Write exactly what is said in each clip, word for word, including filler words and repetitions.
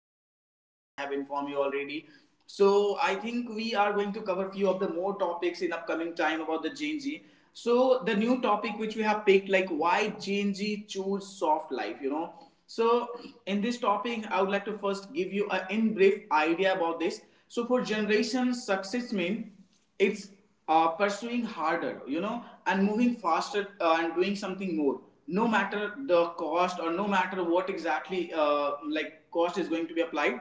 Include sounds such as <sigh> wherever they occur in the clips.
in our house, as I have informed you already, so I think we are going to cover few of the more topics in upcoming time about the Gen Z. So the new topic which we have picked, like why Gen Z choose soft life, you know. So in this topic, I would like to first give you a in brief idea about this. So for generation, success means it's uh, pursuing harder, you know, and moving faster uh, and doing something more. No matter the cost or no matter what exactly uh, like cost is going to be applied,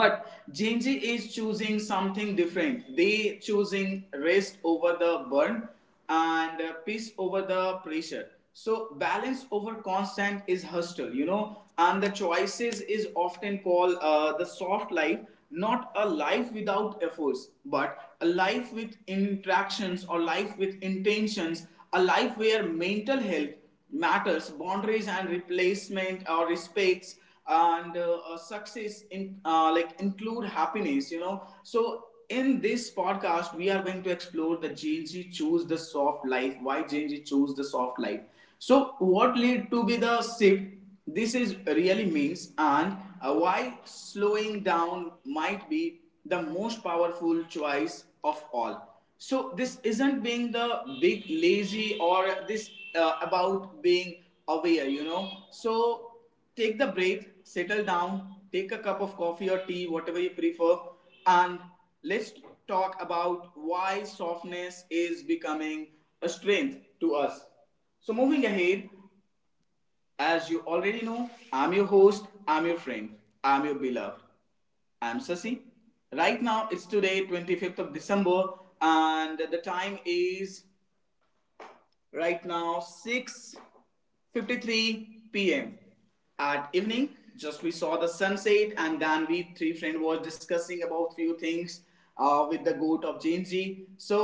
but J N J is choosing something different. They choosing rest over the burn and uh, peace over the pressure. So balance over constant is hustle, you know. And the choices is often called uh, the soft life, not a life without efforts, but a life with interactions or life with intentions, a life where mental health matters, boundaries and replacement or respects and uh, uh, success in uh, like include happiness, you know so in this podcast we are going to explore the Gen Z choose the soft life, why Gen Z choose the soft life. So what lead to be the shift, this is really means, and uh, why slowing down might be the most powerful choice of all. So this isn't being the big lazy, or this uh, about being aware you know So take the break, settle down, take a cup of coffee or tea, whatever you prefer, and let's talk about why softness is becoming a strength to us. So, moving ahead, as you already know, I'm your host, I'm your friend, I'm your beloved. I'm Sasi. Right now, it's today, twenty-fifth of December, and the time is right now six fifty-three p m at evening. Just we saw the sunset, and then we three friends were discussing about few things uh, with the goat of Jinji. So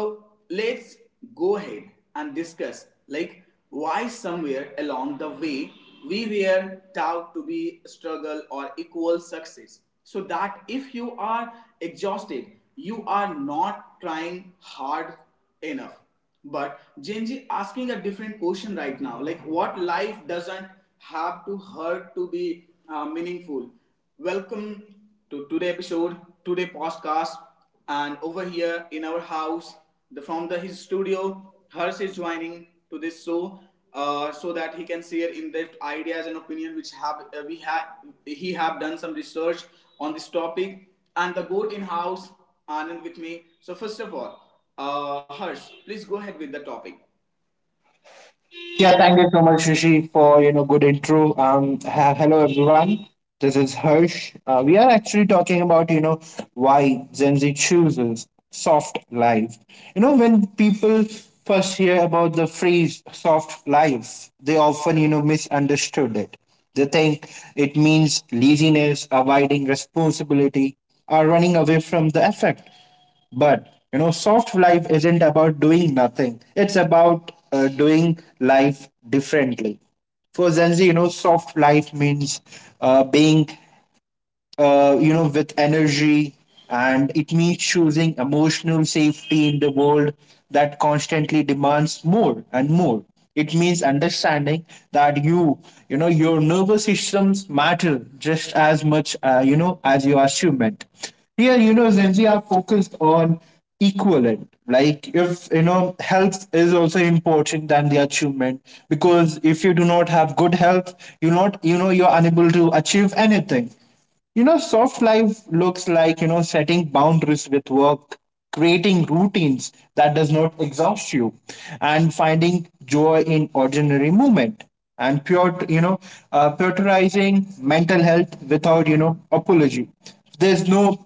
let's go ahead and discuss like why somewhere along the way we were taught to be struggle or equal success, so that if you are exhausted you are not trying hard enough. But Gen asking a different question right now, like what life doesn't have to hurt to be uh, meaningful. Welcome to today episode, today podcast, and over here in our house, the from the his studio, Harsh is joining to this show. Uh, so that he can share in-depth ideas and opinion which have uh, we have he have done some research on this topic, and the goat in house Anand with me. So first of all, uh, Hers, please go ahead with the topic. Yeah, thank you so much, Rishi, for you know good intro. Um, ha- hello everyone. This is Harsh. Uh, we are actually talking about you know why Gen Z chooses soft life. You know, when people first hear about the phrase soft life, they often, you know misunderstood it. They think it means laziness, avoiding responsibility, or running away from the effect. But you know, soft life isn't about doing nothing. It's about uh, doing life differently. For Gen Z, you know, soft life means uh, being, uh, you know, with energy, and it means choosing emotional safety in the world that constantly demands more and more. It means understanding that you, you know, your nervous systems matter just as much, uh, you know, as your achievement. Here, you know, Gen Z are focused on equivalent. Like, if you know, health is also important than the achievement, because if you do not have good health, you not you know, you're unable to achieve anything. You know, soft life looks like, you know, setting boundaries with work, creating routines that does not exhaust you, and finding joy in ordinary movement and pure, you know, uh, prioritizing mental health without, you know, apology. There's no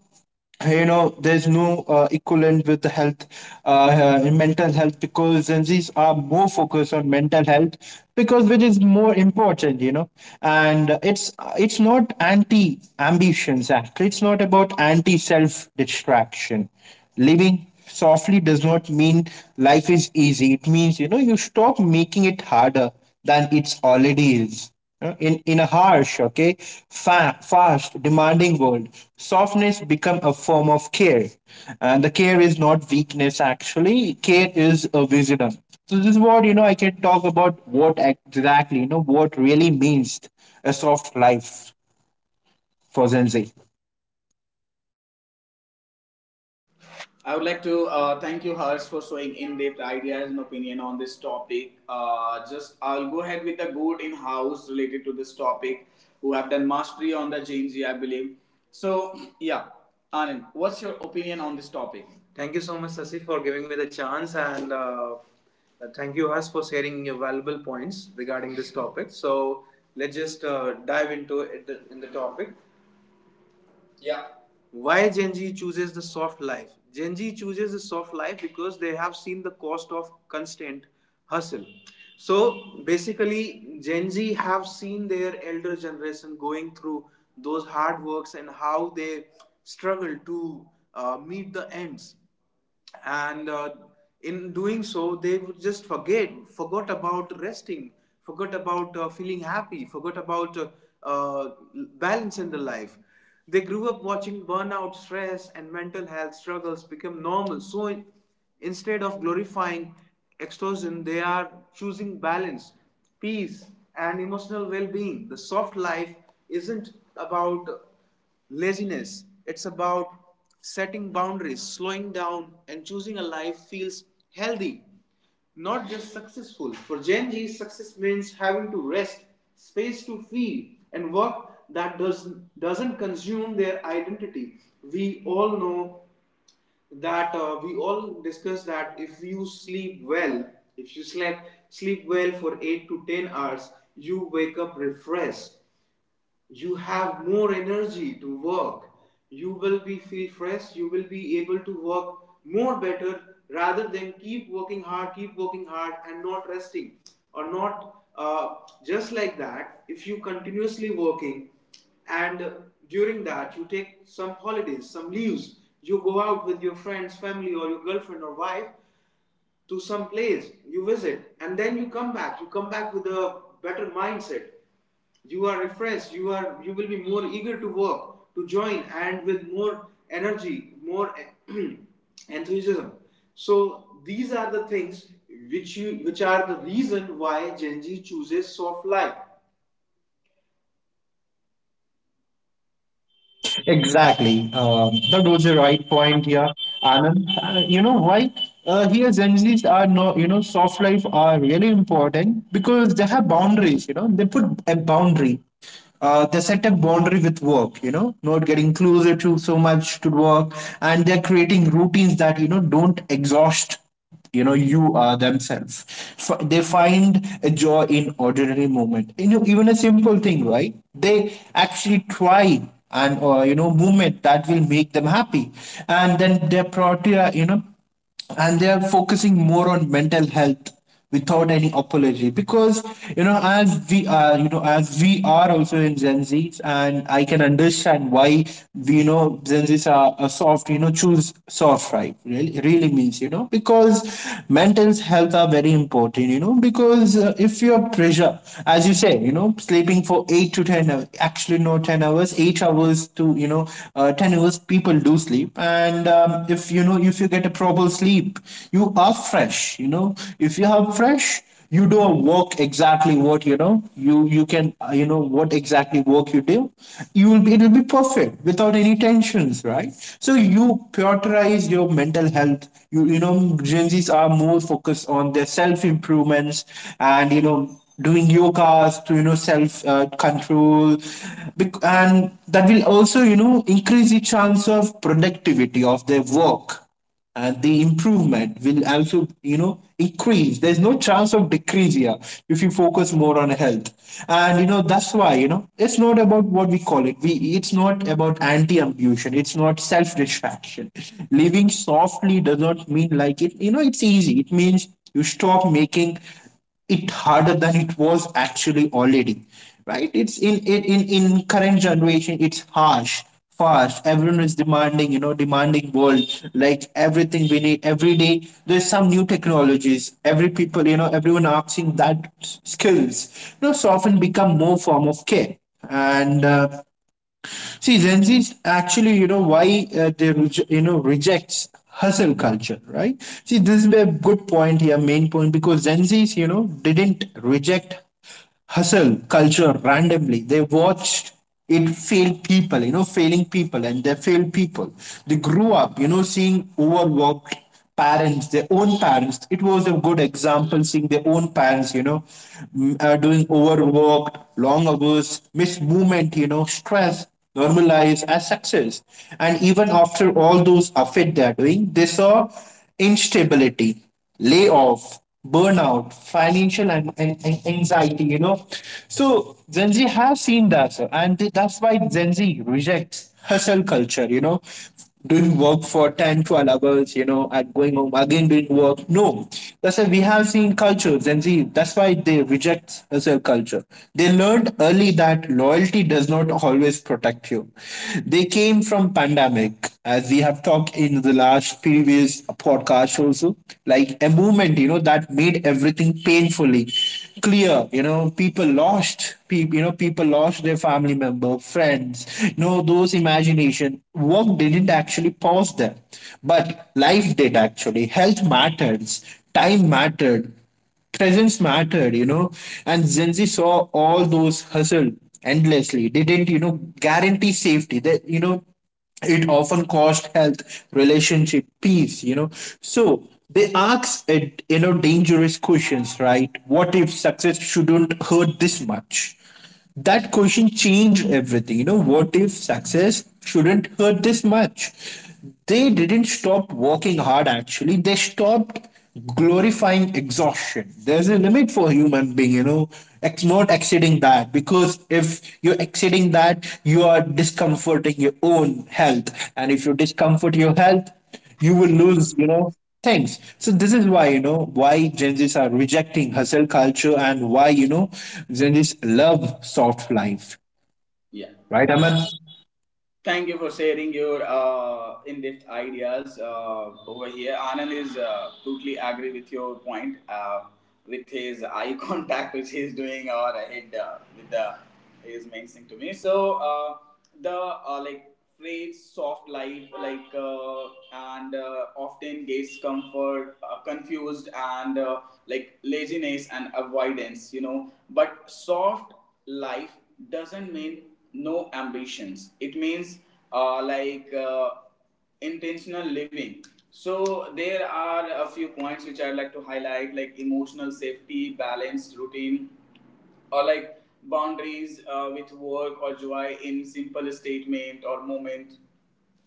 you know there's no uh, equivalent with the health, uh, uh, mental health, because Gen Z's are more focused on mental health because which is more important, you know and it's it's not anti ambitions, actually. It's not about anti self distraction. Living softly does not mean life is easy. It means, you know, you stop making it harder than it's already is. You know, In, in a harsh, okay, fa- fast, demanding world, softness become a form of care. And the care is not weakness, actually. Care is a wisdom. So this is what, you know, I can talk about what exactly, you know, what really means a soft life for Gen Z. I would like to uh, thank you, Hers, for showing in-depth ideas and opinion on this topic. Uh, just I'll go ahead with the good in-house related to this topic, who have done mastery on the G M G, I believe. So yeah, Anand, what's your opinion on this topic? Thank you so much, Sasi, for giving me the chance, and uh, uh, thank you, us, for sharing your valuable points regarding this topic. So let's just uh, dive into it in the topic. Yeah. Why Gen Z chooses the soft life? Gen Z chooses the soft life because they have seen the cost of constant hustle. So basically, Gen Z have seen their elder generation going through those hard works and how they struggle to uh, meet the ends, and uh, in doing so they would just forget forgot about resting, forgot about uh, feeling happy, forgot about uh, uh, balance in the life. They grew up watching burnout, stress and mental health struggles become normal, so in- instead of glorifying extortion they are choosing balance, peace and emotional well-being. The soft life isn't about laziness. It's about setting boundaries, slowing down, and choosing a life feels healthy, not just successful. For Gen Z, success means having to rest, space to feel, and work that does, doesn't consume their identity. We all know that uh, we all discuss that if you sleep well, if you slept sleep well for eight to ten hours, you wake up refreshed, you have more energy to work, you will be feel fresh, you will be able to work more better, rather than keep working hard, keep working hard and not resting, or not uh, just like that. If you continuously working, and uh, during that you take some holidays, some leaves, you go out with your friends, family or your girlfriend or wife to some place you visit, and then you come back, you come back with a better mindset, you are refreshed, you are you will be more eager to work, to join, and with more energy, more <clears throat> enthusiasm. So these are the things which you which are the reason why Gen Z chooses soft life. Exactly. Um, that was the right point here, Anand. Uh, you know why? Uh, here, Gen Zs are no, you know, soft life are really important because they have boundaries. You know, they put a boundary, uh, they set a boundary with work, you know, not getting closer to so much to work, and they're creating routines that, you know, don't exhaust, you know, you uh themselves. F- they find a joy in ordinary moment, you know, even a simple thing, right? They actually try, and, uh, you know, movement that will make them happy. And then their priority are, you know, and they are focusing more on mental health without any apology, because you know, as we are, you know, as we are also in Gen Z's, and I can understand why we you know, gen z's are, are soft, you know, choose soft, right? Really really means, you know, because mental health are very important, you know, because uh, if you are pressure, as you said, you know, sleeping for eight to ten hours, actually no, ten hours, eight hours hours to you know, uh, ten hours people do sleep. And um, if you know, if you get a proper sleep, you are fresh, you know, if you are fresh, you do a work exactly what, you know, you you can, uh, you know, what exactly work you do, you will be it'll be perfect without any tensions, right? So you prioritize your mental health. You you know Gen Z's are more focused on their self improvements, and you know, doing yogas to, you know, self uh, control. Bec- and that will also, you know, increase the chance of productivity of their work, and the improvement will also, you know, increase. There's no chance of decrease here if you focus more on health. And you know, that's why, you know, it's not about what we call it we it's not about anti-ambition, it's not self-distraction. Living softly does not mean like it, you know, it's easy. It means you stop making it harder than it was actually already. Right, it's in in in, in current generation, it's harsh, fast, everyone is demanding, you know, demanding world, like everything we need every day, there's some new technologies, every people, you know, everyone asking that, s- skills, you know, so often become more form of care. And uh, see, Gen Z's actually, you know, why uh, they, reje- you know, rejects hustle culture, right? See, this is a good point here, main point, because Gen Z's, you know, didn't reject hustle culture randomly. They watched it fail people, you know, failing people, and they failed people. They grew up, you know, seeing overworked parents, their own parents. It was a good example seeing their own parents, you know, mm, uh, doing overwork long hours, missed movement, you know, stress normalized as success. And even after all those effort they're doing, they saw instability, layoff, burnout, financial and, and and anxiety, you know. So Gen Z has seen that, sir, and th- that's why Gen Z rejects hustle culture, you know, doing work for ten twelve hours, you know, and going home again doing work. No, that's why we have seen culture, Gen Z, that's why they reject hustle culture. They learned early that loyalty does not always protect you. They came from pandemic, as we have talked in the last previous podcast also, like a movement, you know, that made everything painfully clear. You know, people lost, pe- you know, people lost their family member, friends. You know, those imagination work didn't actually pause them, but life did actually. Health matters, time mattered, presence mattered, you know, and Gen Z saw all those hustle endlessly. They didn't, you know, guarantee safety. That you know, it often cost health, relationship, peace, you know. So they ask, it, you know, dangerous questions, right? What if success shouldn't hurt this much? That question changed everything. You know, what if success shouldn't hurt this much? They didn't stop working hard, actually. They stopped glorifying exhaustion. There's a limit for human being, you know, ex- not exceeding that, because if you're exceeding that, you are discomforting your own health. And if you discomfort your health, you will lose, you know, things. So this is why, you know, why Gen Z's are rejecting hustle culture, and why, you know, Gen Z's love soft life, Yeah. right Aman? Thank you for sharing your uh, in-depth ideas uh, over here. Anand is uh, totally agree with your point uh, with his eye <laughs> contact which he is doing or head uh, with the he is mentioning to me. So uh, the uh, like phrase soft life like uh, and uh, often gets comfort uh, confused and uh, like laziness and avoidance you know but soft life doesn't mean no ambitions. It means uh, like uh, intentional living. So there are a few points which I'd like to highlight, like emotional safety, balanced routine, or like boundaries uh, with work, or joy in simple statement or moment,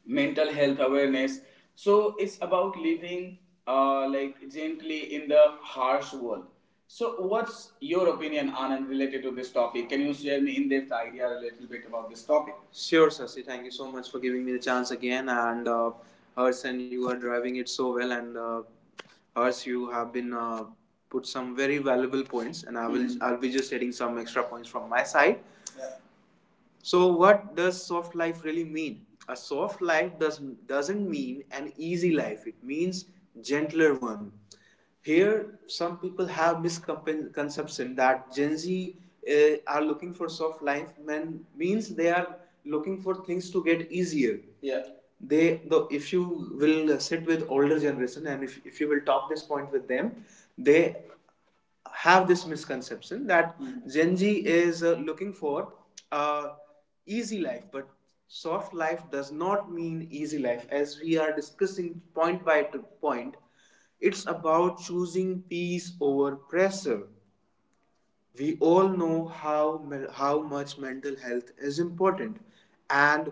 mental health awareness. So it's about living uh, like gently in the harsh world. So what's your opinion, Anand, related to this topic? Can you share me in depth idea a little bit about this topic? Sure, Sasi. Thank you so much for giving me the chance again. And uh, Hers, and you are driving it so well. And uh, Hers, you have been uh, put some very valuable points. And I will, Mhm. I'll be just adding some extra points from my side. So, what does soft life really mean? A soft life does, doesn't mean an easy life, it means gentler one. Here, some people have misconception that Gen Z uh, are looking for soft life when means they are looking for things to get easier. Yeah, they though if you will sit with older generation, and if, if you will talk this point with them, they have this misconception that mm. Gen Z is uh, looking for uh, easy life. But soft life does not mean easy life, as we are discussing point by point. It's about choosing peace over pressure. We all know how how much mental health is important. And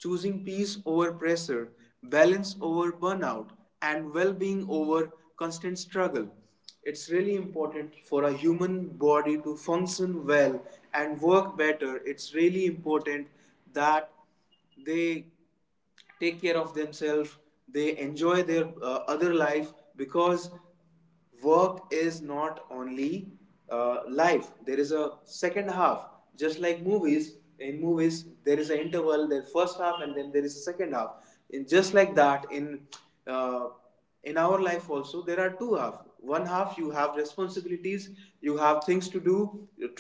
choosing peace over pressure, balance over burnout, and well being over constant struggle. It's really important for a human body to function well and work better. It's really important that they take care of themselves, they enjoy their uh, other life, because work is not only uh, life. There is a second half, just like movies, in movies there is an interval, there first half and then there is a second half. In just like that in uh, in our life also there are two half, one half you have responsibilities, you have things to do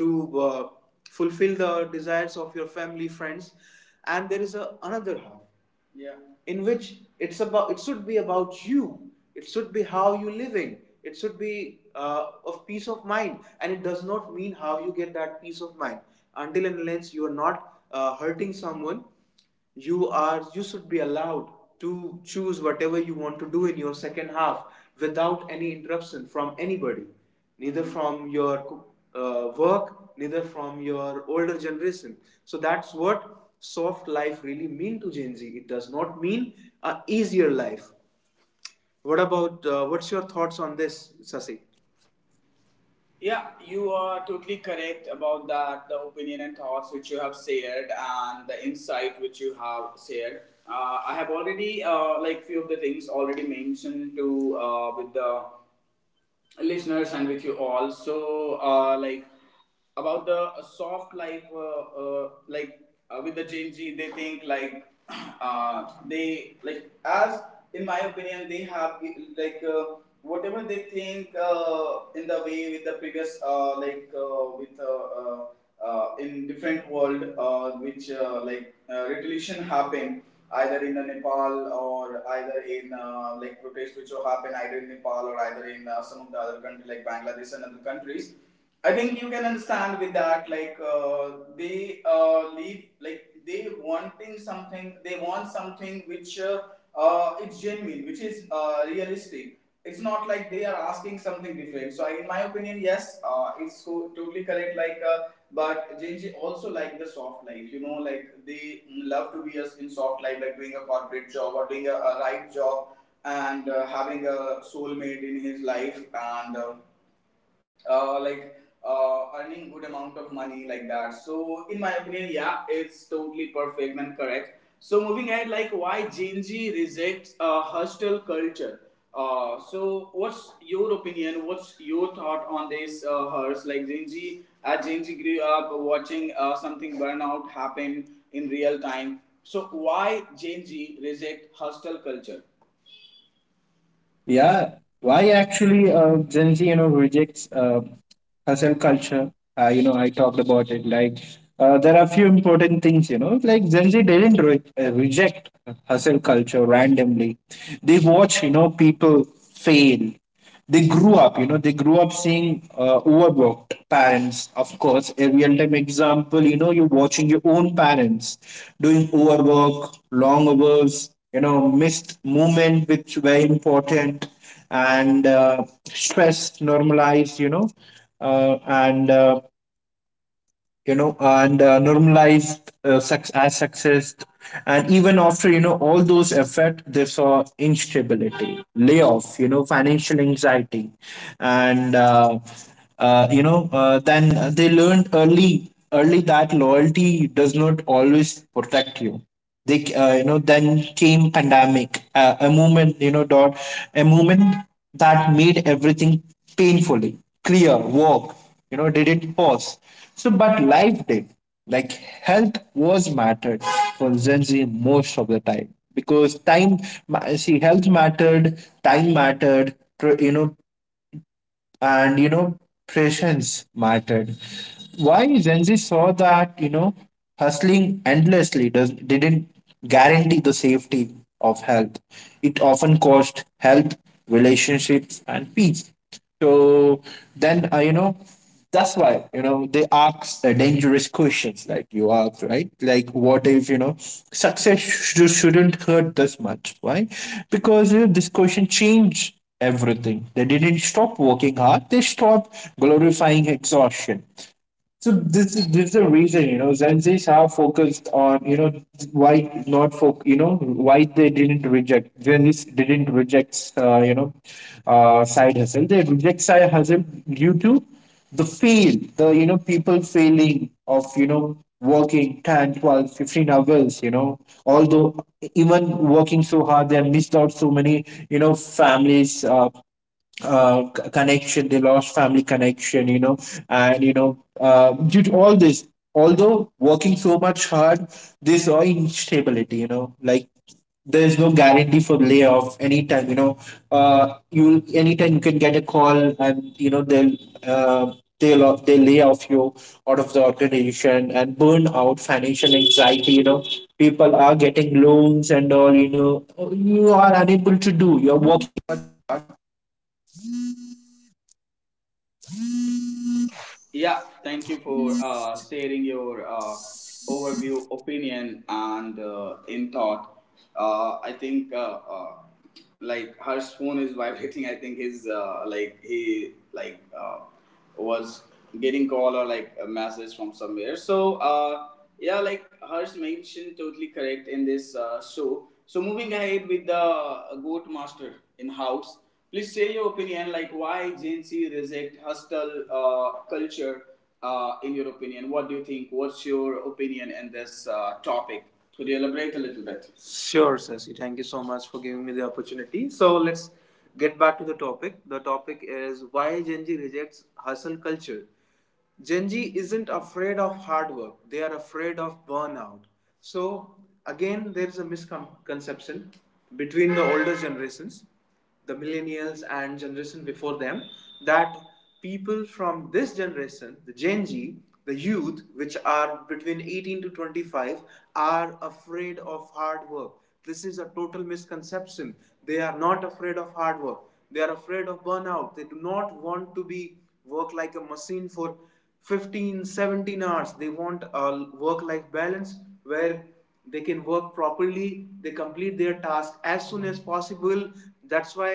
to uh, fulfill the desires of your family, friends, and there is a, another half. Yeah. In which it's about, it should be about you, it should be how you living, it should be uh, of peace of mind. And it does not mean how you get that peace of mind, until and unless you are not uh, hurting someone, you are you should be allowed to choose whatever you want to do in your second half without any interruption from anybody, neither from your uh, work, neither from your older generation. So that's what soft life really mean to Gen Z. It does not mean a easier life. What about uh, what's your thoughts on this, Sasi? Yeah, you are totally correct about that. The opinion and thoughts which you have shared, and the insight which you have shared. Uh, I have already uh, like few of the things already mentioned to uh, with the listeners and with you all. So, uh, like about the uh, soft life, uh, uh, like uh, with the Gen Z, they think like <clears throat> uh, they like as in my opinion, they have like uh, whatever they think uh, in the way with the previous uh, like uh, with. Uh, uh, uh, in different world uh, which uh, like uh, retaliation happen either in the Nepal or either in uh, like protests which will happen either in Nepal or either in uh, some of the other country like Bangladesh and other countries. I think you can understand with that like uh, they uh, leave like they wanting something they want something which uh, uh, it's genuine which is uh, realistic. It's not like they are asking something different. So in my opinion, yes, uh, it's co- totally correct. Like, uh, but Genji also like the soft life. You know, like they love to be us in soft life, like doing a corporate job or doing a, a right job and uh, having a soulmate in his life. And. Uh, uh, like uh, Earning good amount of money like that. So in my opinion, yeah, it's totally perfect and correct. So moving ahead, like why Gen Z rejects uh, hostile culture. Uh, so what's your opinion? What's your thought on this? Uh, hers, like Gen Z, uh, Gen Z grew up watching uh, something burnout happen in real time. So why Gen Z reject hostile culture? Yeah, why actually uh, Gen Z, you know, rejects, uh, hustle culture. Uh, you know, I talked about it. Like, uh, there are a few important things, you know, like Gen Z didn't re- uh, reject hustle culture randomly. They watch, you know, people fail. They grew up you know they grew up seeing, uh, overworked parents, of course, a real time example, you know, you're watching your own parents doing overwork long hours, you know, missed movement which were important. And uh, Stress normalized, you know, uh, and uh, you know, and uh, normalized, uh, sex as sexist, and even after, you know, all those effort, they saw instability, layoff, you know, financial anxiety. And uh, uh, You know, uh, then they learned early early that loyalty does not always protect you. They, uh, you know, then came pandemic, uh, a movement, you know, dot, a movement that made everything painfully clear. Work, you know, didn't pause, so, but life did. Like, health was mattered for Gen Z most of the time, because time ma- see, health mattered, time mattered, tr- you know, and you know, patience mattered. Why? Gen Z saw that, you know, hustling endlessly does didn't guarantee the safety of health. It often cost health, relationships, and peace. So then, uh, you know, that's why, you know, they ask, uh, dangerous questions, like you asked, right? Like, what if, you know, success sh- shouldn't hurt this much? Why? Because you know, this question change everything. They didn't stop working hard, they stopped glorifying exhaustion. So this is this is the reason, you know, Gen Zs are focused on, you know, why not for, you know, why they didn't reject. Gen Zs didn't reject, uh, you know, uh, side hustle. They reject side hustle due to the fail, the, you know, people failing of, you know, working ten, twelve, fifteen hours, you know, although even working so hard, they have missed out so many, you know, families, uh, uh, c- connection. They lost family connection you know and you know uh, Due to all this, although working so much hard, they saw instability, you know like there's no guarantee for layoff anytime you know uh, you Anytime you can get a call, and you know they'll uh, they'll off- they lay off you out of the organization. And burn out, financial anxiety, you know people are getting loans and all you know You are unable. Yeah, thank you for uh, sharing your uh, overview, opinion, and uh, in thought. Uh, I think uh, uh, like Harsh's phone is vibrating. I think his uh, like he like uh, was getting call or like a message from somewhere. So uh, yeah, like Harsh mentioned, totally correct in this uh, show. So moving ahead with the uh, Goat Master in house, please share your opinion, like why Gen Z reject hostile uh, culture. Uh, in your opinion, what do you think? What's your opinion in this uh, topic? Could you elaborate a little bit? Sure, Sasi. Thank you so much for giving me the opportunity. So let's get back to the topic. The topic is why Gen Z rejects hustle culture. Gen Z isn't afraid of hard work, they are afraid of burnout. So, again, there is a misconception between the older generations, the millennials and generation before them, that people from this generation, the Gen Z, the youth, which are between eighteen to twenty-five, are afraid of hard work. This is a total misconception. They are not afraid of hard work. They are afraid of burnout. They do not want to be work like a machine for fifteen seventeen hours. They want a work life balance where they can work properly. They complete their task as soon as possible. That's why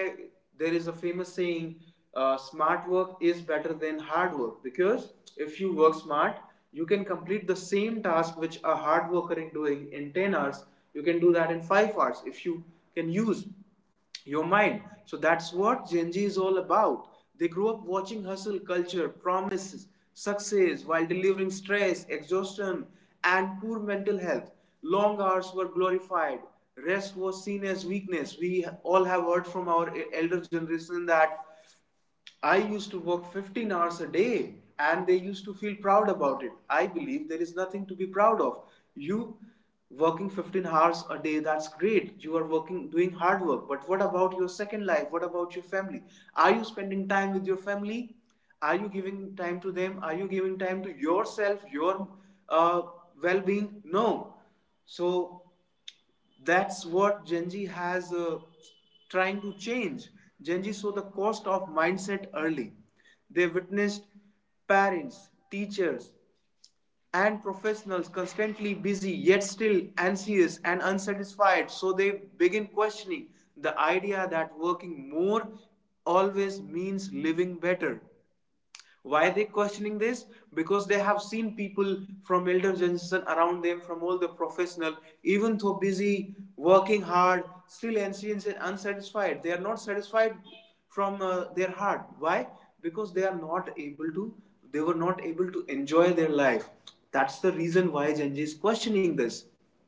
there is a famous saying, uh, smart work is better than hard work, because if you work smart you can complete the same task which a hard worker is doing in ten hours. You can do that in five hours if you can use your mind. So that's what Gen Z is all about. They grew up watching hustle culture, promises, success while delivering stress, exhaustion, and poor mental health. Long hours were glorified. Rest was seen as weakness. We all have heard from our e-, elder generation that I used to work fifteen hours a day, and they used to feel proud about it. I believe there is nothing to be proud of. You working fifteen hours a day, that's great, you are working, doing hard work, but what about your second life? What about your family? Are you spending time with your family? Are you giving time to them? Are you giving time to yourself, your uh, well-being? No. So that's what Gen Z has uh, trying to change. Gen Z saw the cost of mindset early. They witnessed parents, teachers, and professionals constantly busy yet still anxious and unsatisfied. So they begin questioning the idea that working more always means living better. Why are they questioning this? Because they have seen people from elder generation around them, from all the professional, even though busy, working hard, still ancients and unsatisfied. They are not satisfied from uh, their heart. Why? Because they are not able to. They were not able to enjoy their life. That's the reason why Gen Z is questioning this.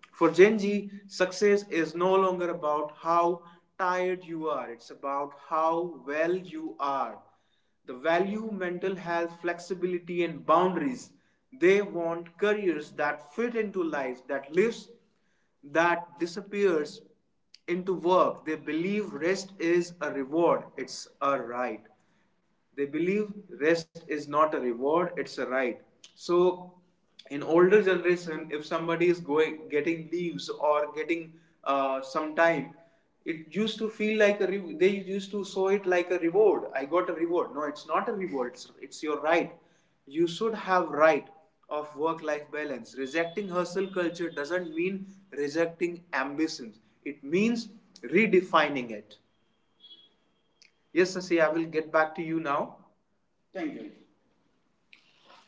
For Gen Z, success is no longer about how tired you are. It's about how well you are. The value mental health, flexibility, and boundaries. They want careers that fit into life, that lives, that disappears into work. They believe rest is a reward, it's a right. They believe rest is not a reward, it's a right. So in older generation, if somebody is going getting leaves or getting uh, some time, it used to feel like a re- they used to show it like a reward. I got a reward. No, it's not a reward, it's, it's your right. You should have right of work life balance. Rejecting hustle culture doesn't mean rejecting ambitions, it means redefining it. Yes Sasi, I will get back to you now. Thank you.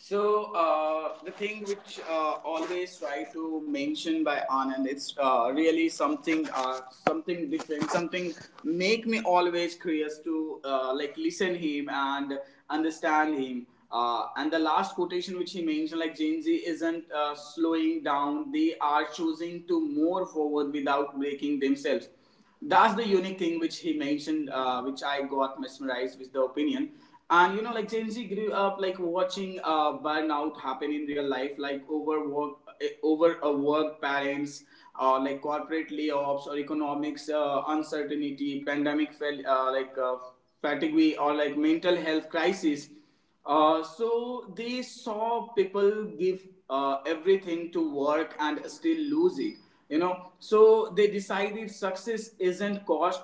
So uh, the thing which uh, always try to mention by Anand, it's uh, really something, uh, something different, something make me always curious to uh, like listen him and understand him. Uh, and the last quotation which he mentioned, like Gen Z isn't uh, slowing down; they are choosing to move forward without breaking themselves. That's the unique thing which he mentioned, uh, which I got mesmerized with the opinion. And you know, like Gen Z grew up like watching uh, burnout happen in real life, like overwork, eh, overwork parents, or like corporate layoffs or economics uh, uncertainty, pandemic, fel- uh, like uh, fatigue, or like mental health crisis. Uh, so they saw people give uh, everything to work and still lose it. You know, so they decided success isn't cost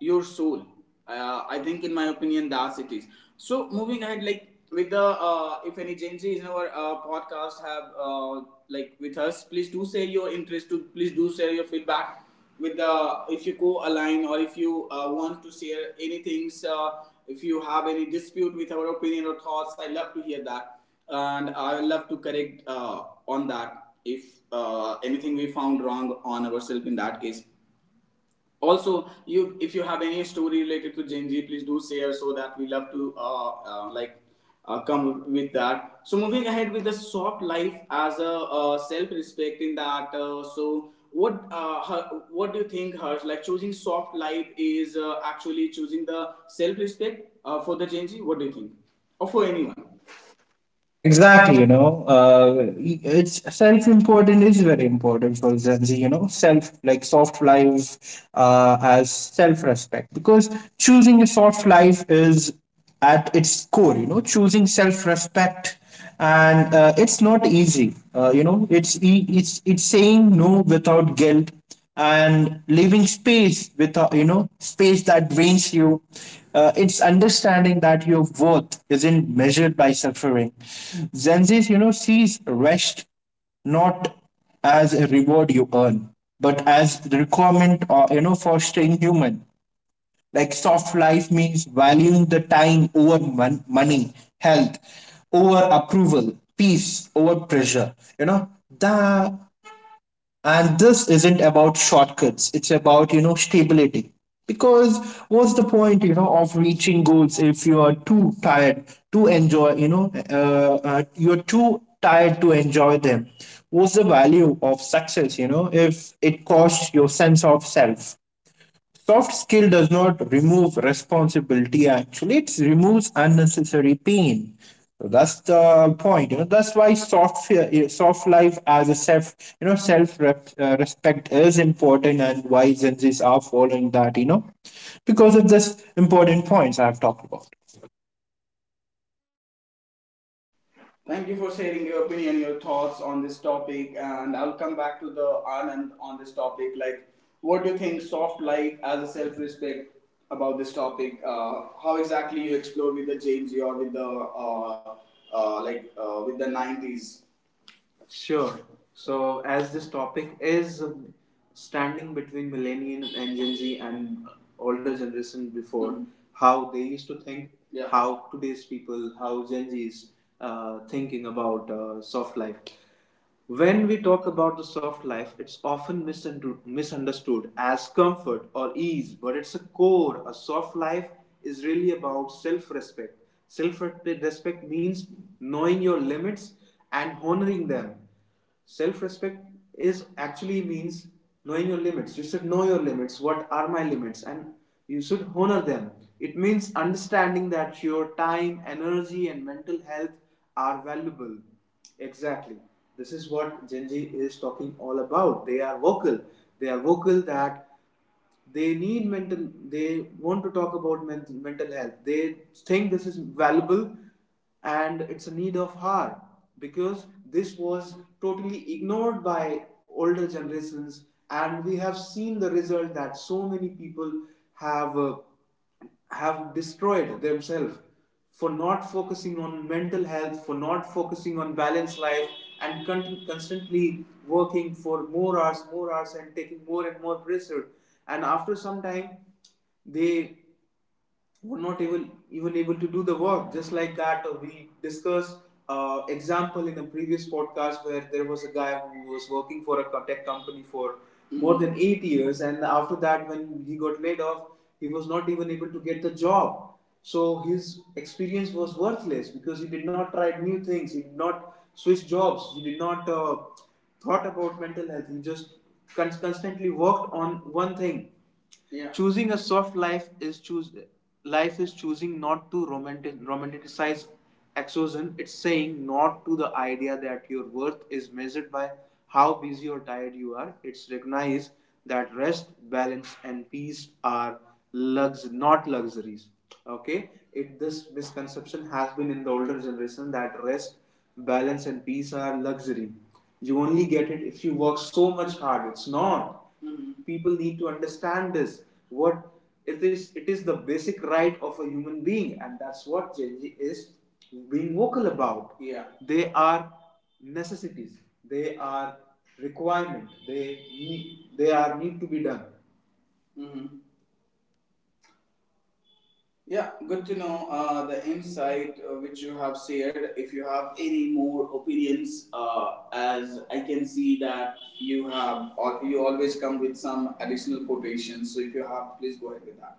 your soul. Uh, I think, in my opinion, that's it is. So moving ahead, like with the uh, if any Gen Z is in our uh, podcast have uh, like with us, please do share your interest. To please do share your feedback with the, if you co-align or if you uh, want to share anything uh, if you have any dispute with our opinion or thoughts, I love to hear that, and I will love to correct uh, on that, if uh, anything we found wrong on ourselves. In that case also, you, if you have any story related to Gen Z, please do share, so that we love to uh, uh, like uh, come with that. So moving ahead with the soft life as a uh, self respect in that uh, so what uh, her, what do you think hers, like choosing soft life is uh, actually choosing the self respect uh, for the Gen Z? What do you think, or for anyone? Exactly. You know, uh, it's self-important is very important for Gen Z, you know, self like soft life uh, as self-respect, because choosing a soft life is, at its core, you know, choosing self-respect. And uh, it's not easy. Uh, you know it's e- It's it's saying no without guilt and leaving space without you know space that drains you. Uh, it's understanding that your worth isn't measured by suffering. Zenzi's you know sees rest not as a reward you earn, but as the requirement, or you know for staying human. Like soft life means valuing the time over mon- money, health over approval, peace over pressure. You know, the And this isn't about shortcuts. It's about, you know, stability. Because what's the point, you know, of reaching goals if you are too tired to enjoy, you know, uh, uh, you're too tired to enjoy them? What's the value of success, you know, if it costs your sense of self? Soft skill does not remove responsibility; actually, it removes unnecessary pain. So that's the point. You know, that's why soft fear- soft life as a self, you know, self rep, uh, respect is important, and why Gen Zs are following that. You know, because of this important points I've talked about. Thank you for sharing your opinion, your thoughts on this topic, and I'll come back to the Anand on this topic. Like, what do you think soft life as a self-respect about this topic? Uh, how exactly you explore with the James or with the uh, uh, like uh, with the nineties? Sure. So, as this topic is standing between millennial and Gen Z and older generation before, Mhm, how they used to think, Yeah, how today's people, how Gen Z is uh, thinking about uh, soft life. When we talk about the soft life, it's often misunderstood as comfort or ease, but it's a core. A soft life is really about self respect. Self respect means knowing your limits and honoring them. Self respect is actually means knowing your limits. You should know your limits. What are my limits? And you should honor them. It means understanding that your time, energy, and mental health are valuable. Exactly. This is what Gen Z is talking all about. They are vocal. They are vocal that they need mental, they want to talk about mental, mental health. They think this is valuable, and it's a need of hour, because this was totally ignored by older generations, and we have seen the result that so many people have uh, have destroyed themselves for not focusing on mental health, for not focusing on balanced life, and con- constantly working for more hours, more hours, and taking more and more pressure. And after some time, they were not even even able to do the work, just like that uh, we discussed uh, example in a previous podcast where there was a guy who was working for a tech company for more than eight years, and after that when he got laid off, he was not even able to get the job. So his experience was worthless because he did not try new things, he did not switch jobs, he did not uh, thought about mental health, he just con- constantly worked on one thing. Yeah. Choosing a soft life is choose Life is choosing not to romantic romanticize exhaustion. It's saying not to the idea that your worth is measured by how busy or tired you are. It's recognize that rest, balance, and peace are lux not luxuries. Okay, it this misconception has been in the older generation that rest, balance, and peace are luxury. You only get it if you work so much hard. It's not. Mm-hmm. People need to understand this, what it is. It is the basic right of a human being, and that's what Gen Z is being vocal about. Yeah, they are necessities, they are requirement, they need, they are need to be done. Mm-hmm. Yeah, good to know uh, the insight uh, which you have shared. If you have any more opinions, uh, as I can see that you have, or you always come with some additional quotations. So if you have, please go ahead with that.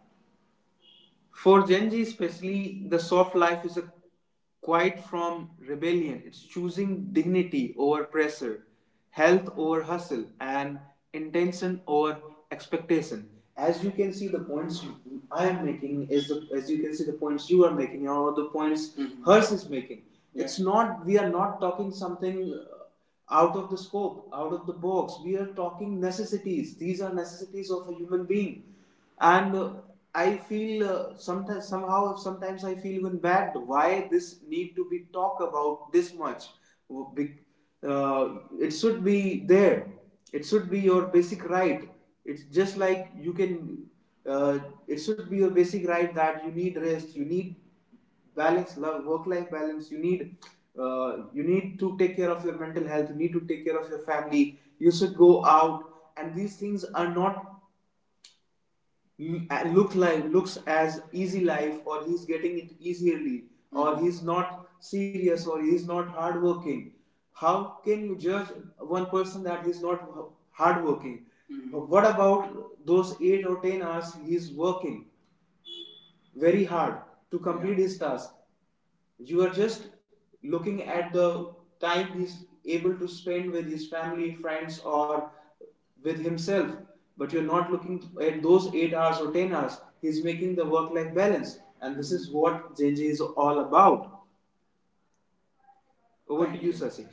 For Gen Z, especially, the soft life is a quiet from rebellion. It's choosing dignity over pressure, health over hustle, and intention over expectation. As you can see, the points I am making is the, as you can see the points you are making, or the points mm-hmm. hers is making. Yeah. It's not We are not talking something uh, out of the scope, out of the box. We are talking necessities. These are necessities of a human being, and uh, I feel uh, sometimes somehow sometimes I feel even bad why this need to be talked about this much. Be- Uh, it should be there. It should be your basic right. It's just like you can. Uh, it should be your basic right that you need rest. You need balance, love, work life balance. You need uh, you need to take care of your mental health. You need to take care of your family. You should go out, and these things are not mm, uh, look like, looks as easy life, or he's getting it easily, or he's not serious, or he's not hardworking. How can you judge one person that he's not h- hardworking? But what about those eight or ten hours he's working very hard to complete, yeah, his task? You are just looking at the time he's able to spend with his family, friends, or with himself, but you're not looking at those eight hours or ten hours he's making the work life balance, and this is what Genji is all about. Over, thank to you, you, Sasi.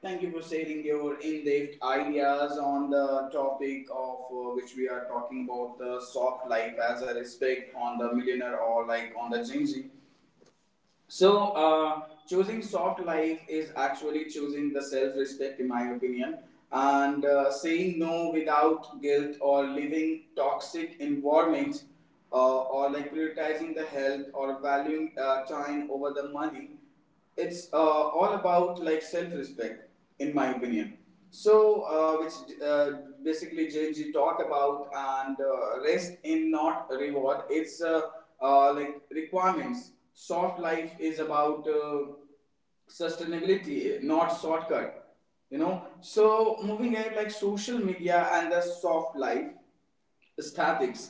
Thank you for sharing your in-depth ideas on the topic of uh, which we are talking about, the soft life as a respect on the millionaire or like on the Gen Z. So, uh, choosing soft life is actually choosing the self respect, in my opinion, and uh, saying no without guilt or living toxic environments, uh, or like prioritizing the health or valuing uh, time over the money. It's uh, all about like self-respect, in my opinion. So uh, which uh, basically Jng talk about, and uh, rest in not reward. It's uh, uh, like requirements. Soft life is about uh, sustainability, not shortcut, you know. So moving ahead like social media and the soft life statics,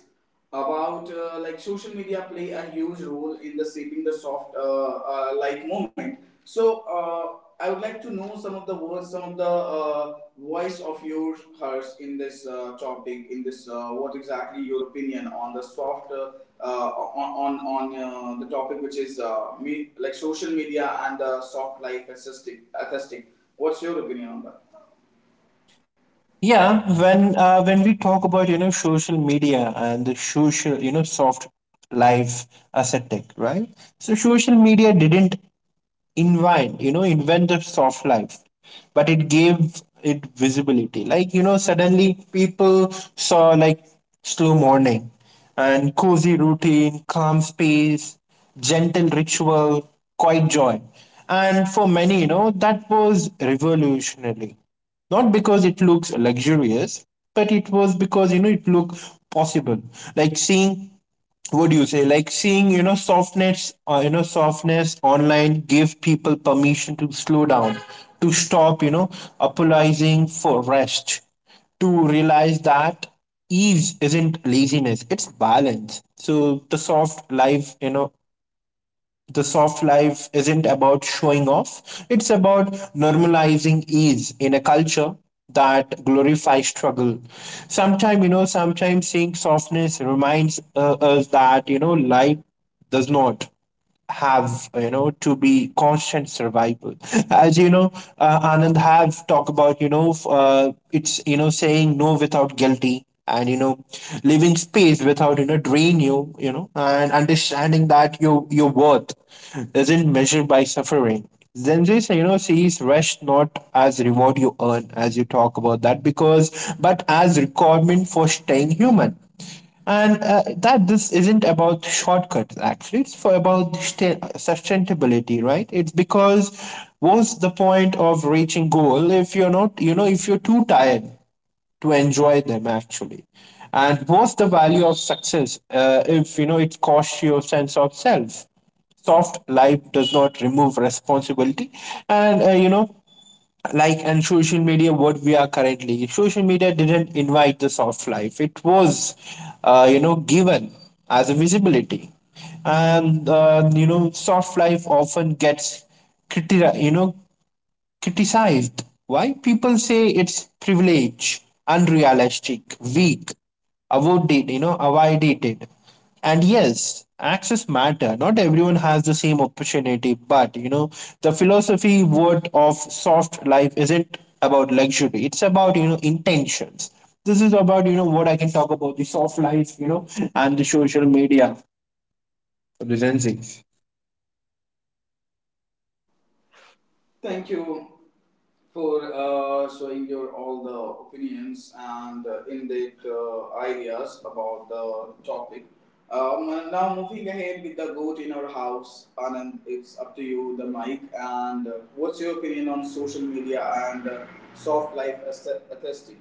about uh, like social media play a huge role in the shaping the soft uh, uh, like moment. So uh, I would like to know some of the words, some of the uh, voice of yours, hers, in this uh, topic, in this uh, what exactly your opinion on the soft uh, uh, on on, on uh, the topic which is uh, me, like social media and uh, soft life aesthetic aesthetic what's your opinion on that? Yeah, when uh, when we talk about you know social media and the social you know soft life aesthetic, right? So social media didn't invent you know invent the soft life, but it gave it visibility. Like, you know suddenly people saw like slow morning and cozy routine, calm space, gentle ritual, quiet joy. And for many, you know that was revolutionary, not because it looks luxurious, but it was because, you know it looked possible. Like seeing, what do you say like seeing, you know softness uh, you know softness online give people permission to slow down, to stop, you know apologizing for rest, to realize that ease isn't laziness, it's balance. So the soft life, you know the soft life isn't about showing off; it's about normalizing ease in a culture that glorifies struggle. Sometimes, you know, sometimes seeing softness reminds uh, us that, you know, life does not have you know to be constant survival. As you know uh, Anand have talked about, you know f- uh, it's you know saying no without guilty, and, you know leaving space without, you know drain you, you know and understanding that your your worth isn't measured by suffering. Then this, you know sees rest not as reward you earn, as you talk about that, because but as requirement for staying human. And uh, that This isn't about shortcuts; actually it's for about sta- sustainability, right? It's because what's the point of reaching goal if you're not, you know if you're too tired to enjoy them, actually? And what's the value of success, uh, if you know it costs your sense of self? Soft life does not remove responsibility. And uh, you know like and social media, what we are currently, social media didn't invite the soft life; it was, uh, you know given as a visibility. And uh, you know Soft life often gets criti- you know criticized. Why? People say it's privilege, unrealistic, weak, avoided. you know, avoided. And yes, access matter. Not everyone has the same opportunity, but, you know, the philosophy word of soft life isn't about luxury. It's about, you know intentions. This is about, you know what I can talk about the soft life, you know, and the social media for the Gen Z. Thank you for uh, showing your all the opinions and uh, in-depth uh, ideas about the topic. Um, now moving ahead with the goat in our house, Anand, it's up to you, the mic. And uh, what's your opinion on social media and uh, soft life aesthe- aesthetic?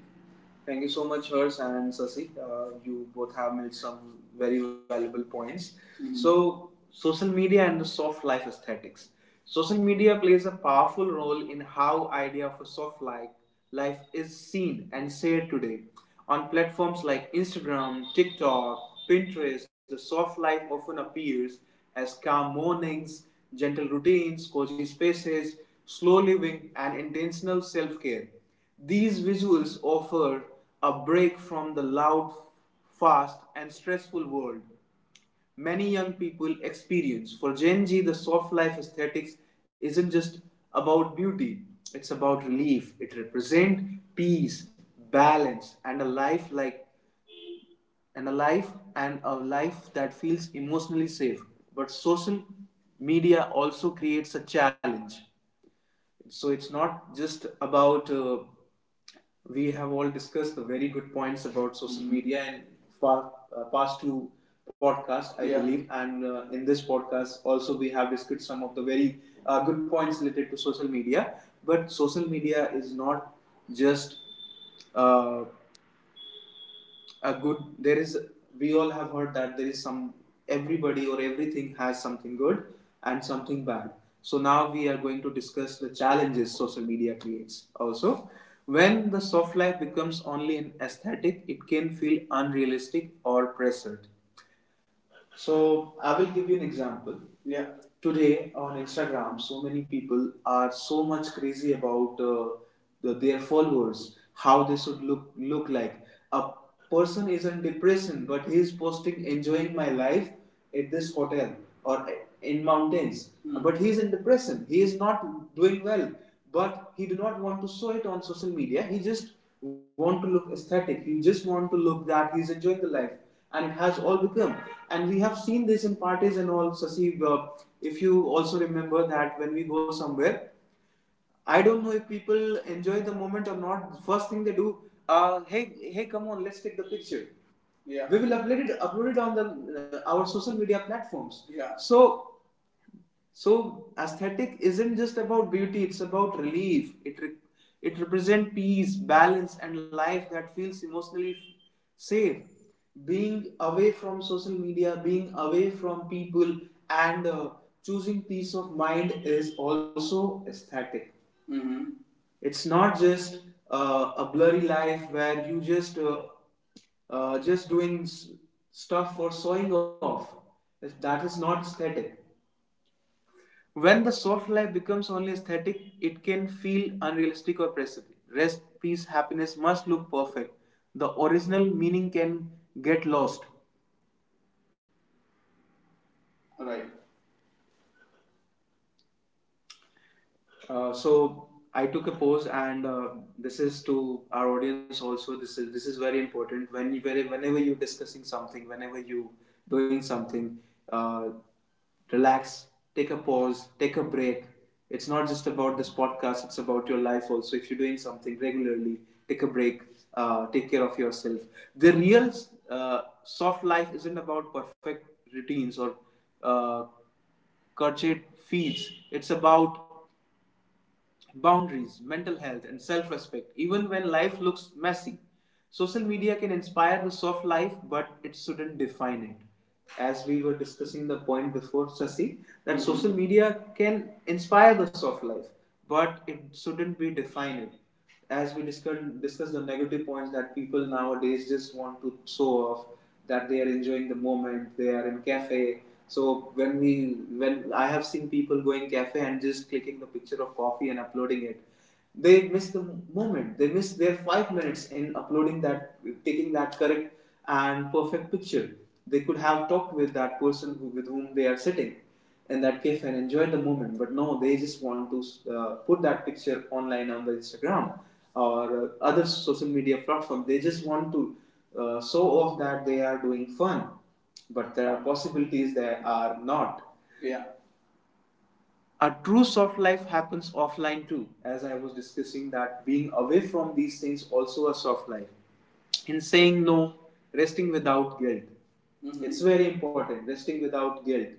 Thank you so much, Hers and Sasi. Uh, you both have made some very valuable points. Mm-hmm. So, social media and the soft life aesthetics. Social media plays a powerful role in how idea of a soft life life is seen and shared today. On platforms like Instagram, TikTok, Pinterest, the soft life often appears as calm mornings, gentle routines, cozy spaces, slow living, and intentional self care. These visuals offer a break from the loud, fast, and stressful world many young people experience. For Gen Z, the soft life aesthetics isn't just about beauty, it's about relief. It represents peace, balance, and a life like and a life and a life that feels emotionally safe. But social media also creates a challenge, so it's not just about uh, we have all discussed the very good points about social mm-hmm. media in far, uh, past two podcasts I yeah. believe, and uh, in this podcast also we have discussed some of the very uh, good points related to social media. But social media is not just uh, a good. There is, we all have heard that there is some, everybody or everything has something good and something bad. So now we are going to discuss the challenges social media creates also. When the soft life becomes only an aesthetic, it can feel unrealistic or pressured. So I will give you an example. Yeah. Today on Instagram, so many people are so much crazy about uh, the, their followers, how they should look look like. A person is in depression, but he is posting enjoying my life at this hotel or in mountains. Mm. But he is in depression, he is not doing well, but he do not want to show it on social media. He just want to look aesthetic, he just want to look that he is enjoying the life, and it has all become, and we have seen this in parties and all, Sasi. uh, if you also remember that when we go somewhere, I don't know if people enjoy the moment or not. First thing they do, uh, hey, hey, come on, let's take the picture. Yeah. We will upload it, upload it on the uh, our social media platforms. Yeah. So so aesthetic isn't just about beauty; it's about relief. It re- it represents peace, balance, and life that feels emotionally safe. Being away from social media, being away from people, and uh, choosing peace of mind is also aesthetic. Mm-hmm. It's not just uh, a blurry life where you just uh, uh, just doing s- stuff for showing off. That is not aesthetic. When the soft life becomes only aesthetic, it can feel unrealistic or oppressive. Rest, peace, happiness must look perfect. The original meaning can get lost. Right. Uh, so I took a pose, and uh, this is to our audience also. This is this is very important. When you, when- whenever you're discussing something, whenever you doing something, uh, relax, take a pause, take a break. It's not just about this podcast; it's about your life also. If you're doing something regularly, take a break, uh, take care of yourself. The real uh, soft life isn't about perfect routines or uh, curved feeds. It's about boundaries, mental health, and self respect, even when life looks messy. Social media can inspire the soft life, but it shouldn't define it. As we were discussing the point before, Sasi, that social media can inspire the soft life, but it shouldn't be defined, as we discussed discuss the negative points that people nowadays just want to show off that they are enjoying the moment, they are in cafe. So when we, when I have seen people going cafe and just clicking the picture of coffee and uploading it, they miss the moment, they miss their five minutes in uploading that, taking that correct and perfect picture. They could have talked with that person who, with whom they are sitting in that cafe and enjoyed the moment, but no, they just want to uh, put that picture online on the Instagram or uh, other social media platform. They just want to uh, show off that they are doing fun, but there are possibilities that are not. Yeah. A true soft life happens offline too, as I was discussing that being away from these things also a soft life in saying no, resting without guilt. Mhm. It's very important, resting without guilt.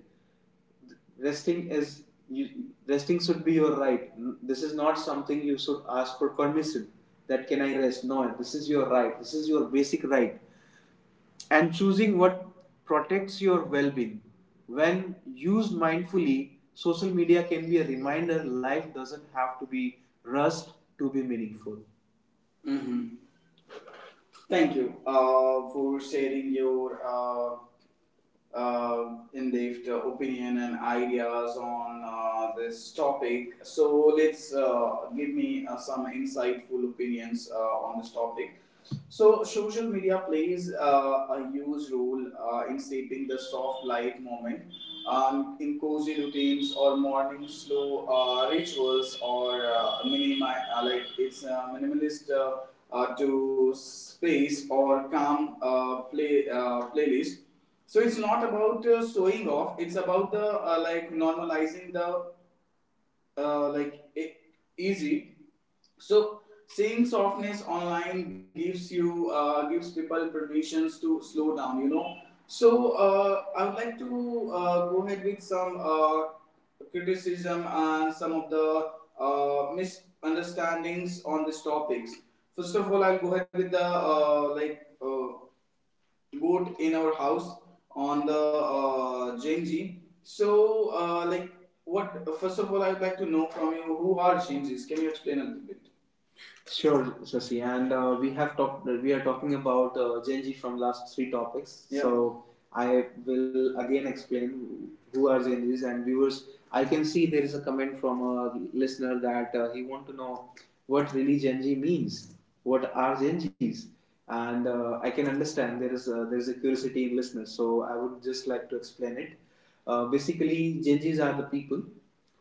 Resting is you, resting should be your right. This is not something you should ask for permission, that can I rest? No, this is your right, this is your basic right, and choosing what protects your well being. When used mindfully, social media can be a reminder life doesn't have to be rushed to be meaningful. Hmm. Thank you uh, for sharing your uh, uh, in their opinion and ideas on uh, this topic. So let's uh, give me uh, some insightful opinions uh, on this topic. So social media plays uh, a huge role uh, in shaping the soft light moment. Um, in cozy routines or morning slow uh, rituals or uh, minimi- uh, like it's uh, minimalist uh, uh, to space or calm uh, play uh, playlist. So it's not about uh, showing off. It's about the uh, like normalizing the uh, like e- easy. So seeing softness online gives you uh, gives people permissions to slow down. You know. So uh, I would like to uh, go ahead with some uh, criticism and some of the uh, misunderstandings on these topics. First of all, I'll go ahead with the uh, like uh, goat in our house on the uh, Genji. So, uh, like, what? First of all, I would like to know from you who are Genjis. Can you explain a little bit? Sure, Sasi. And uh, we have talked. We are talking about uh, Gen Z from last three topics. Yeah. So I will again explain who are Gen Zs and viewers. I can see there is a comment from a listener that uh, he want to know what really Gen Z means. What are Gen Zs? And uh, I can understand there is uh, there is a curiosity in listeners. So I would just like to explain it. Uh, basically, Gen Zs are the people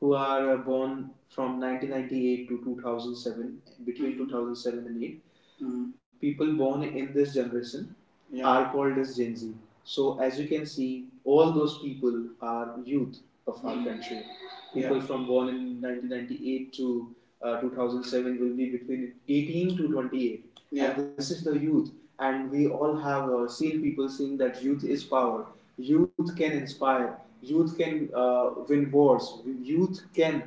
who are uh, born from nineteen ninety-eight to two thousand seven, between two thousand seven and eight. Mm. People born in this generation, yeah, are called as Gen Z. So, as you can see, all those people are youth of our country. People, yeah, from born in nineteen ninety-eight to uh, two thousand seven will be between eighteen to twenty-eight. Yeah. And this is the youth. And we all have uh, seen people saying that youth is power. Youth can inspire. Youth can uh, win wars. Youth can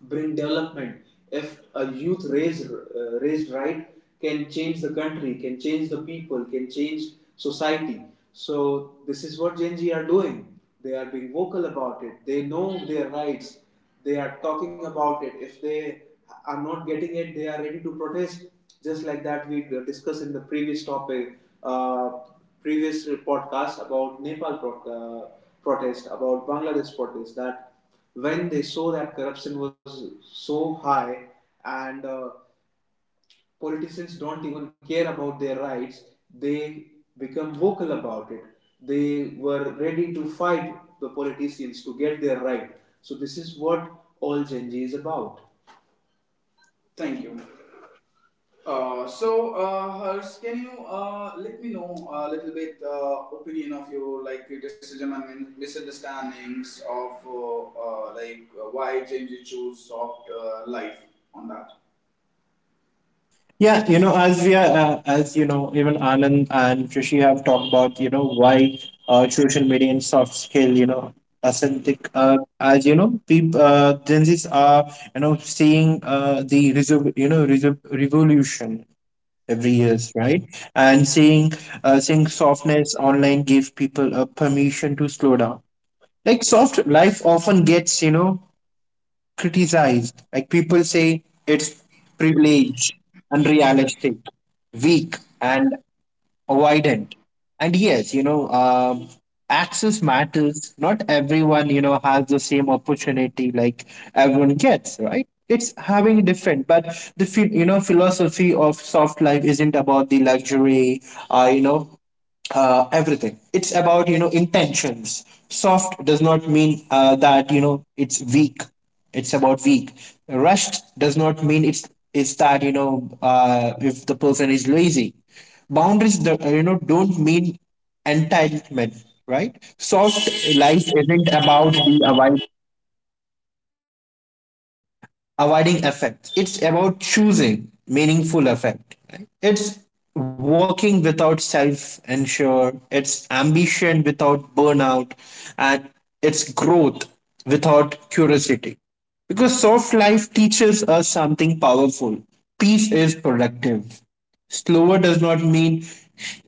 brain development. If a youth raised uh, raised right can change the country, can change the people, can change society. So this is what Gen Z are doing. They are being vocal about it. They know their rights. They are talking about it. If they are not getting it, they are ready to protest. Just like that, we discussed in the previous topic, uh, previous podcast about Nepal uh, protest, about Bangladesh protest. That when they saw that corruption was so high and uh, politicians don't even care about their rights, they become vocal about it. They were ready to fight the politicians to get their right. So, this is what all Gen Z is about. Thank you. Uh, so, uh, Hers, can you uh, let me know a little bit uh, opinion of your like criticism and min- misunderstandings of uh, uh, like uh, why James you choose soft uh, life on that? Yeah, you know, as we are, uh, as you know, even Anand and Rishi have talked about, you know, why uh, social media and soft skill, you know, authentic, uh, as you know, people, uh, Gen Zs are, you know, seeing uh, the, resol- you know, resol- revolution every years, right? And seeing, uh, seeing softness online give people a permission to slow down. Like soft life often gets, you know, criticized. Like people say it's privileged, unrealistic, weak, and avoidant. And yes, you know, um, access matters. Not everyone, you know, has the same opportunity like everyone gets, right? It's having different, but the phi- you know philosophy of soft life isn't about the luxury, uh, you know, uh, everything. It's about, you know intentions. Soft does not mean uh, that you know it's weak. It's about weak. Rushed does not mean it's it's that you know uh, if the person is lazy. Boundaries do- you know don't mean entitlement, right? Soft life isn't about the avoiding effect. It's about choosing meaningful effect, right? It's working without self ensure. It's ambition without burnout, and it's growth without curiosity. Because soft life teaches us something powerful. Peace is productive. Slower does not mean,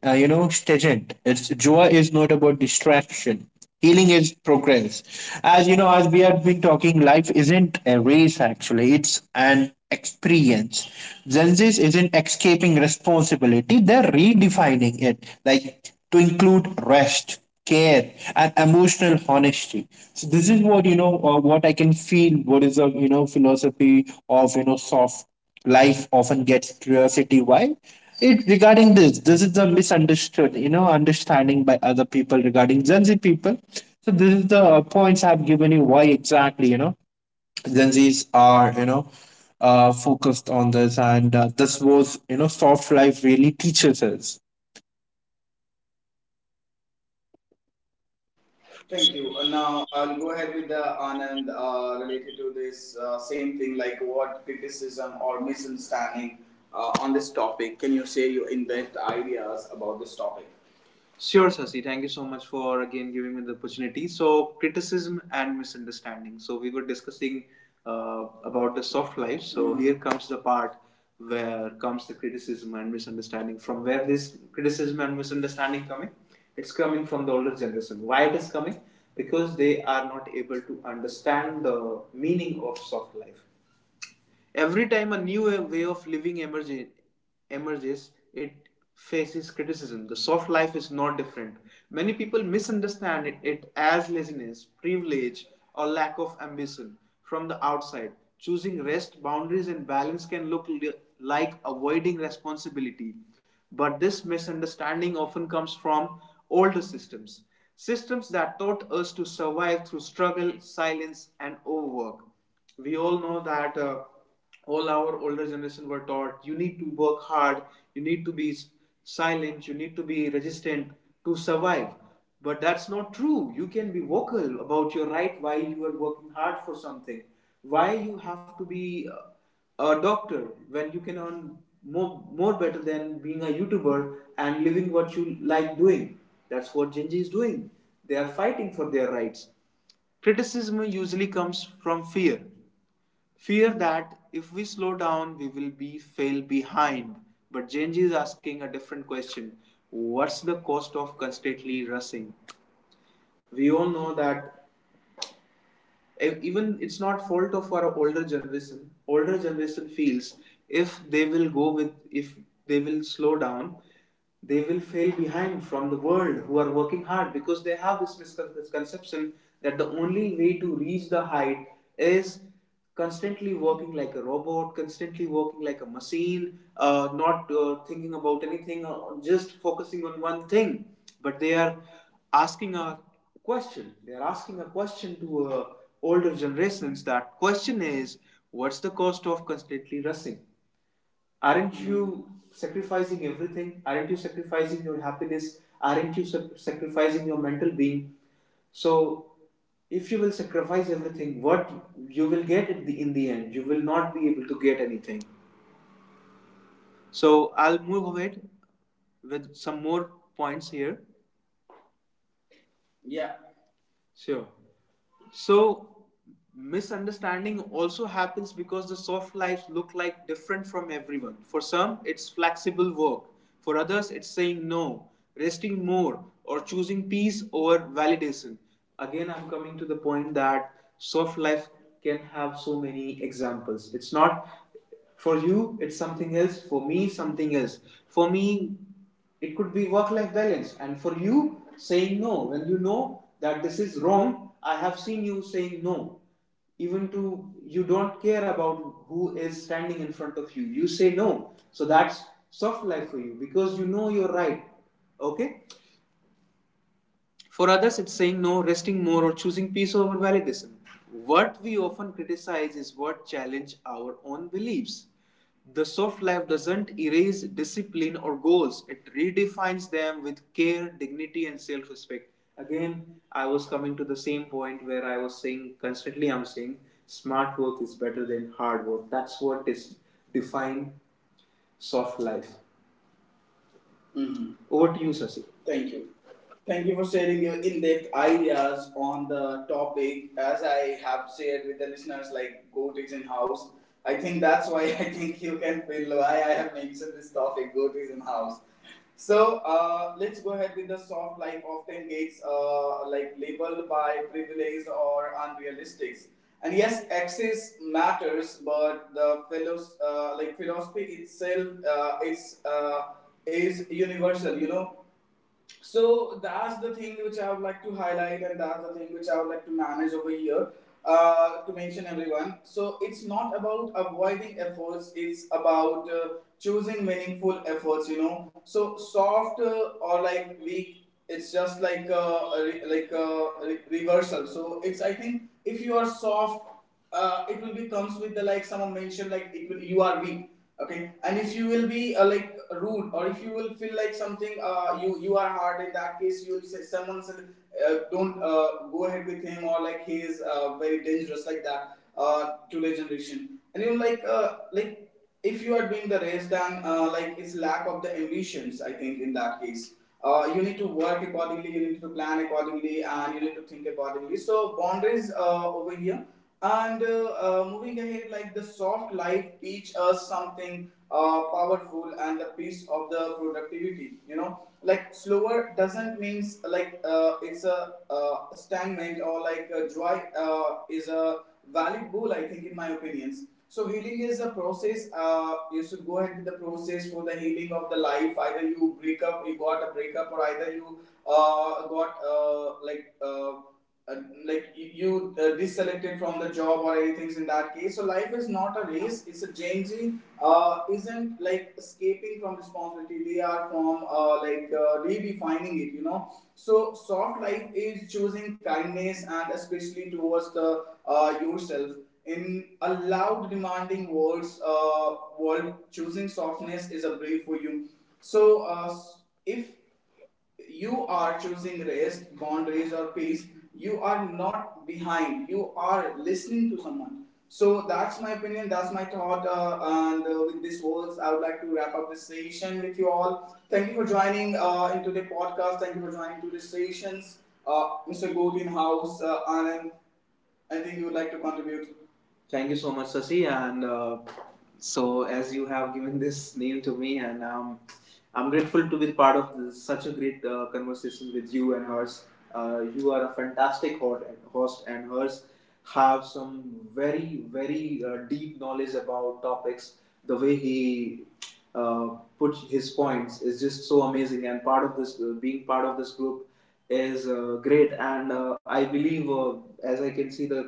uh, you know, stagnant. It's joy is about distraction. Healing is progress. As you know, as we have been talking, life isn't a race, actually, it's an experience. Zenzis isn't escaping responsibility, they're redefining it, like to include rest, care, and emotional honesty. So this is what, you know, uh, what I can feel. What is a, you know philosophy of, you know soft life often gets curiosity why it regarding this. This is the misunderstood, you know understanding by other people regarding Gen Z people. So this is the uh, points I've given you, why exactly, you know Gen Z's are, you know uh, focused on this, and uh, this was, you know soft life really teaches us. Thank you. Uh, now I'll go ahead with the Anand uh, related to this uh, same thing like what criticism or misunderstanding uh, on this topic. Can you share your in-depth ideas about this topic? Sure, Sasi. Thank you so much for again giving me the opportunity. So, criticism and misunderstanding. So, we were discussing uh, about the soft life. So, here comes the part where comes the criticism and misunderstanding. From where this criticism and misunderstanding coming? It's coming from the older generation. Why it is coming? Because they are not able to understand the meaning of soft life. Every time a new way of living emerges, it faces criticism. The soft life is not different. Many people misunderstand it, it as laziness, privilege, or lack of ambition from the outside. Choosing rest, boundaries, and balance can look li- like avoiding responsibility. But this misunderstanding often comes from older systems. Systems that taught us to survive through struggle, silence, and overwork. We all know that uh, all our older generation were taught you need to work hard, you need to be silent, you need to be resistant to survive, but that's not true. You can be vocal about your right while you are working hard for something. Why you have to be uh, a doctor when you can earn more, more better than being a youtuber and living what you like doing? That's what Gen Z is doing. They are fighting for their rights. Criticism usually comes from fear. Fear that if we slow down we will be fell behind. But Genji is asking a different question. What's the cost of constantly rushing? We all know that e- even it's not fault of our older generation. Older generation feels if they will go with if they will slow down, they will fail behind from the world who are working hard because they have this misconception that the only way to reach the height is constantly working like a robot, constantly working like a machine, uh, not uh, thinking about anything, uh, just focusing on one thing. But they are asking a question. They are asking a question to uh, older generations. That question is, what's the cost of constantly rushing? Aren't you sacrificing everything? Aren't you sacrificing your happiness? Aren't you sac- sacrificing your mental being? So if you will sacrifice everything, what you will get at the, in the end, you will not be able to get anything. So I'll move ahead with some more points here. Yeah. Sure. So misunderstanding also happens because the soft lives look like different from everyone. For some, it's flexible work. For others, it's saying no, resting more, or choosing peace over validation. Again, I'm coming to the point that soft life can have so many examples. It's not for you, it's something else. For me, something else. For me, it could be work life balance, and for you, saying no when you know that this is wrong. I have seen you saying no even to, you don't care about who is standing in front of you, you say no. So that's soft life for you because you know you're right. Okay. For others, it's saying no, resting more, or choosing peace over validism. What we often criticize is what challenges our own beliefs. The soft life doesn't erase discipline or goals, it redefines them with care, dignity, and self respect. Again, I was coming to the same point where I was saying constantly, I'm saying smart work is better than hard work. That's what is defined soft life. Hmm. Over to you, Sasi. Thank you. Thank you for sharing your in-depth ideas on the topic. As I have shared with the listeners, like goatics in house, I think that's why I think you can feel why I have mentioned this topic, goatics in house. So uh, let's go ahead with the soft life often gets uh, like labeled by privilege or unrealistic. And yes, access matters, but the philos- uh, like philosophy itself uh, is uh, is universal, you know. So that's the thing which I would like to highlight, and that's the thing which I would like to manage over here uh, to mention everyone. So it's not about avoiding efforts; it's about uh, choosing meaningful efforts, you know. So soft uh, or like weak, it's just like a, a re- like a re- reversal. So it's I think if you are soft uh, it will be comes with the like someone mentioned like it will you are weak. Okay. And if you will be uh, like rude or if you will feel like something uh, you you are hard, in that case you will say someone said uh, don't uh, go ahead with him or like he is uh, very dangerous like that uh, to the generation. And you like uh, like if you are doing the race then uh, like it's lack of the ambitions, I think in that case uh, you need to work accordingly, you need to plan accordingly, and you need to think accordingly. So boundaries uh, over here. And uh, uh, moving ahead, like the soft life teach us something uh, powerful, and the piece of the productivity, you know, like slower doesn't means like uh, it's a uh, stagnant or like a joy uh, is a valid goal, I think, in my opinions. So healing is a process. Uh, you should go ahead with the process for the healing of the life. Either you break up, you got a breakup, or either you uh, got uh, like uh, uh, like you uh, disselected from the job or anything in that case. So life is not a race. It's a changing. Uh, isn't like escaping from responsibility. We are from uh, like uh, redefining it, you know. So soft life is choosing kindness and especially towards the uh, yourself in a loud, demanding world's uh, world, choosing softness is a brief for you. So, uh, if you are choosing rest, boundaries, or peace, you are not behind. You are listening to someone. So that's my opinion. That's my thought. Uh, and uh, With these words, I would like to wrap up this session with you all. Thank you for joining uh, into the podcast. Thank you for joining to the sessions. Uh, mister Godin House, uh, Anand, I think you would like to contribute. Thank you so much, Sasi. And uh, so, as you have given <laughs> this name to me, and um, I'm grateful to be part of this, such a great uh, conversation with you and hers. Uh, you are a fantastic ho- host, and hers have some very, very uh, deep knowledge about topics. The way he uh, put his points is just so amazing, and part of this, uh, being part of this group, is uh, great. And uh, I believe, uh, as I can see the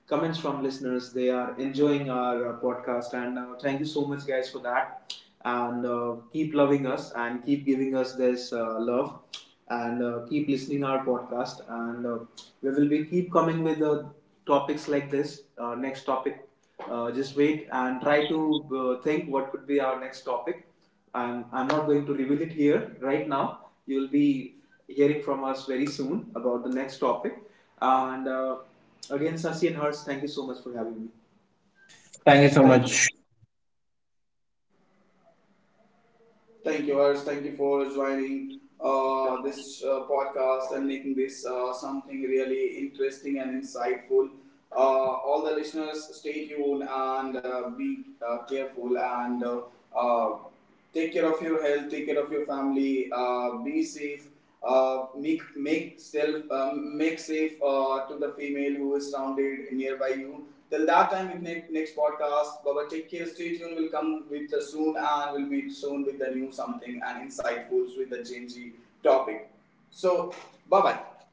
comments from listeners. They are enjoying our uh, podcast, and uh, thank you so much, guys, for that. And uh, keep loving us and keep giving us this uh, love, and uh, keep listening our podcast. And uh, we will be keep coming with uh, topics like this. Uh, next topic, uh, just wait and try to uh, think what could be our next topic. I'm, I'm not going to reveal it here right now. You'll be hearing from us very soon about the next topic. And uh, again, Sasi and Hers, thank you so much for having me. Thank you so Thank you. much. Thank you, Harsh. Thank you for joining uh, this uh, podcast and making this uh, something really interesting and insightful. Uh, all the listeners, stay tuned and uh, be uh, careful and uh, uh, take care of your health, take care of your family, uh, be safe, uh, make make self um, make safe uh, to the female who is surrounded nearby you. Till that time, with ne- next podcast, Baba, take care, stay tuned. We'll come with the soon and we'll meet soon with the new something and insightfuls with the Gen Z topic. So, bye bye.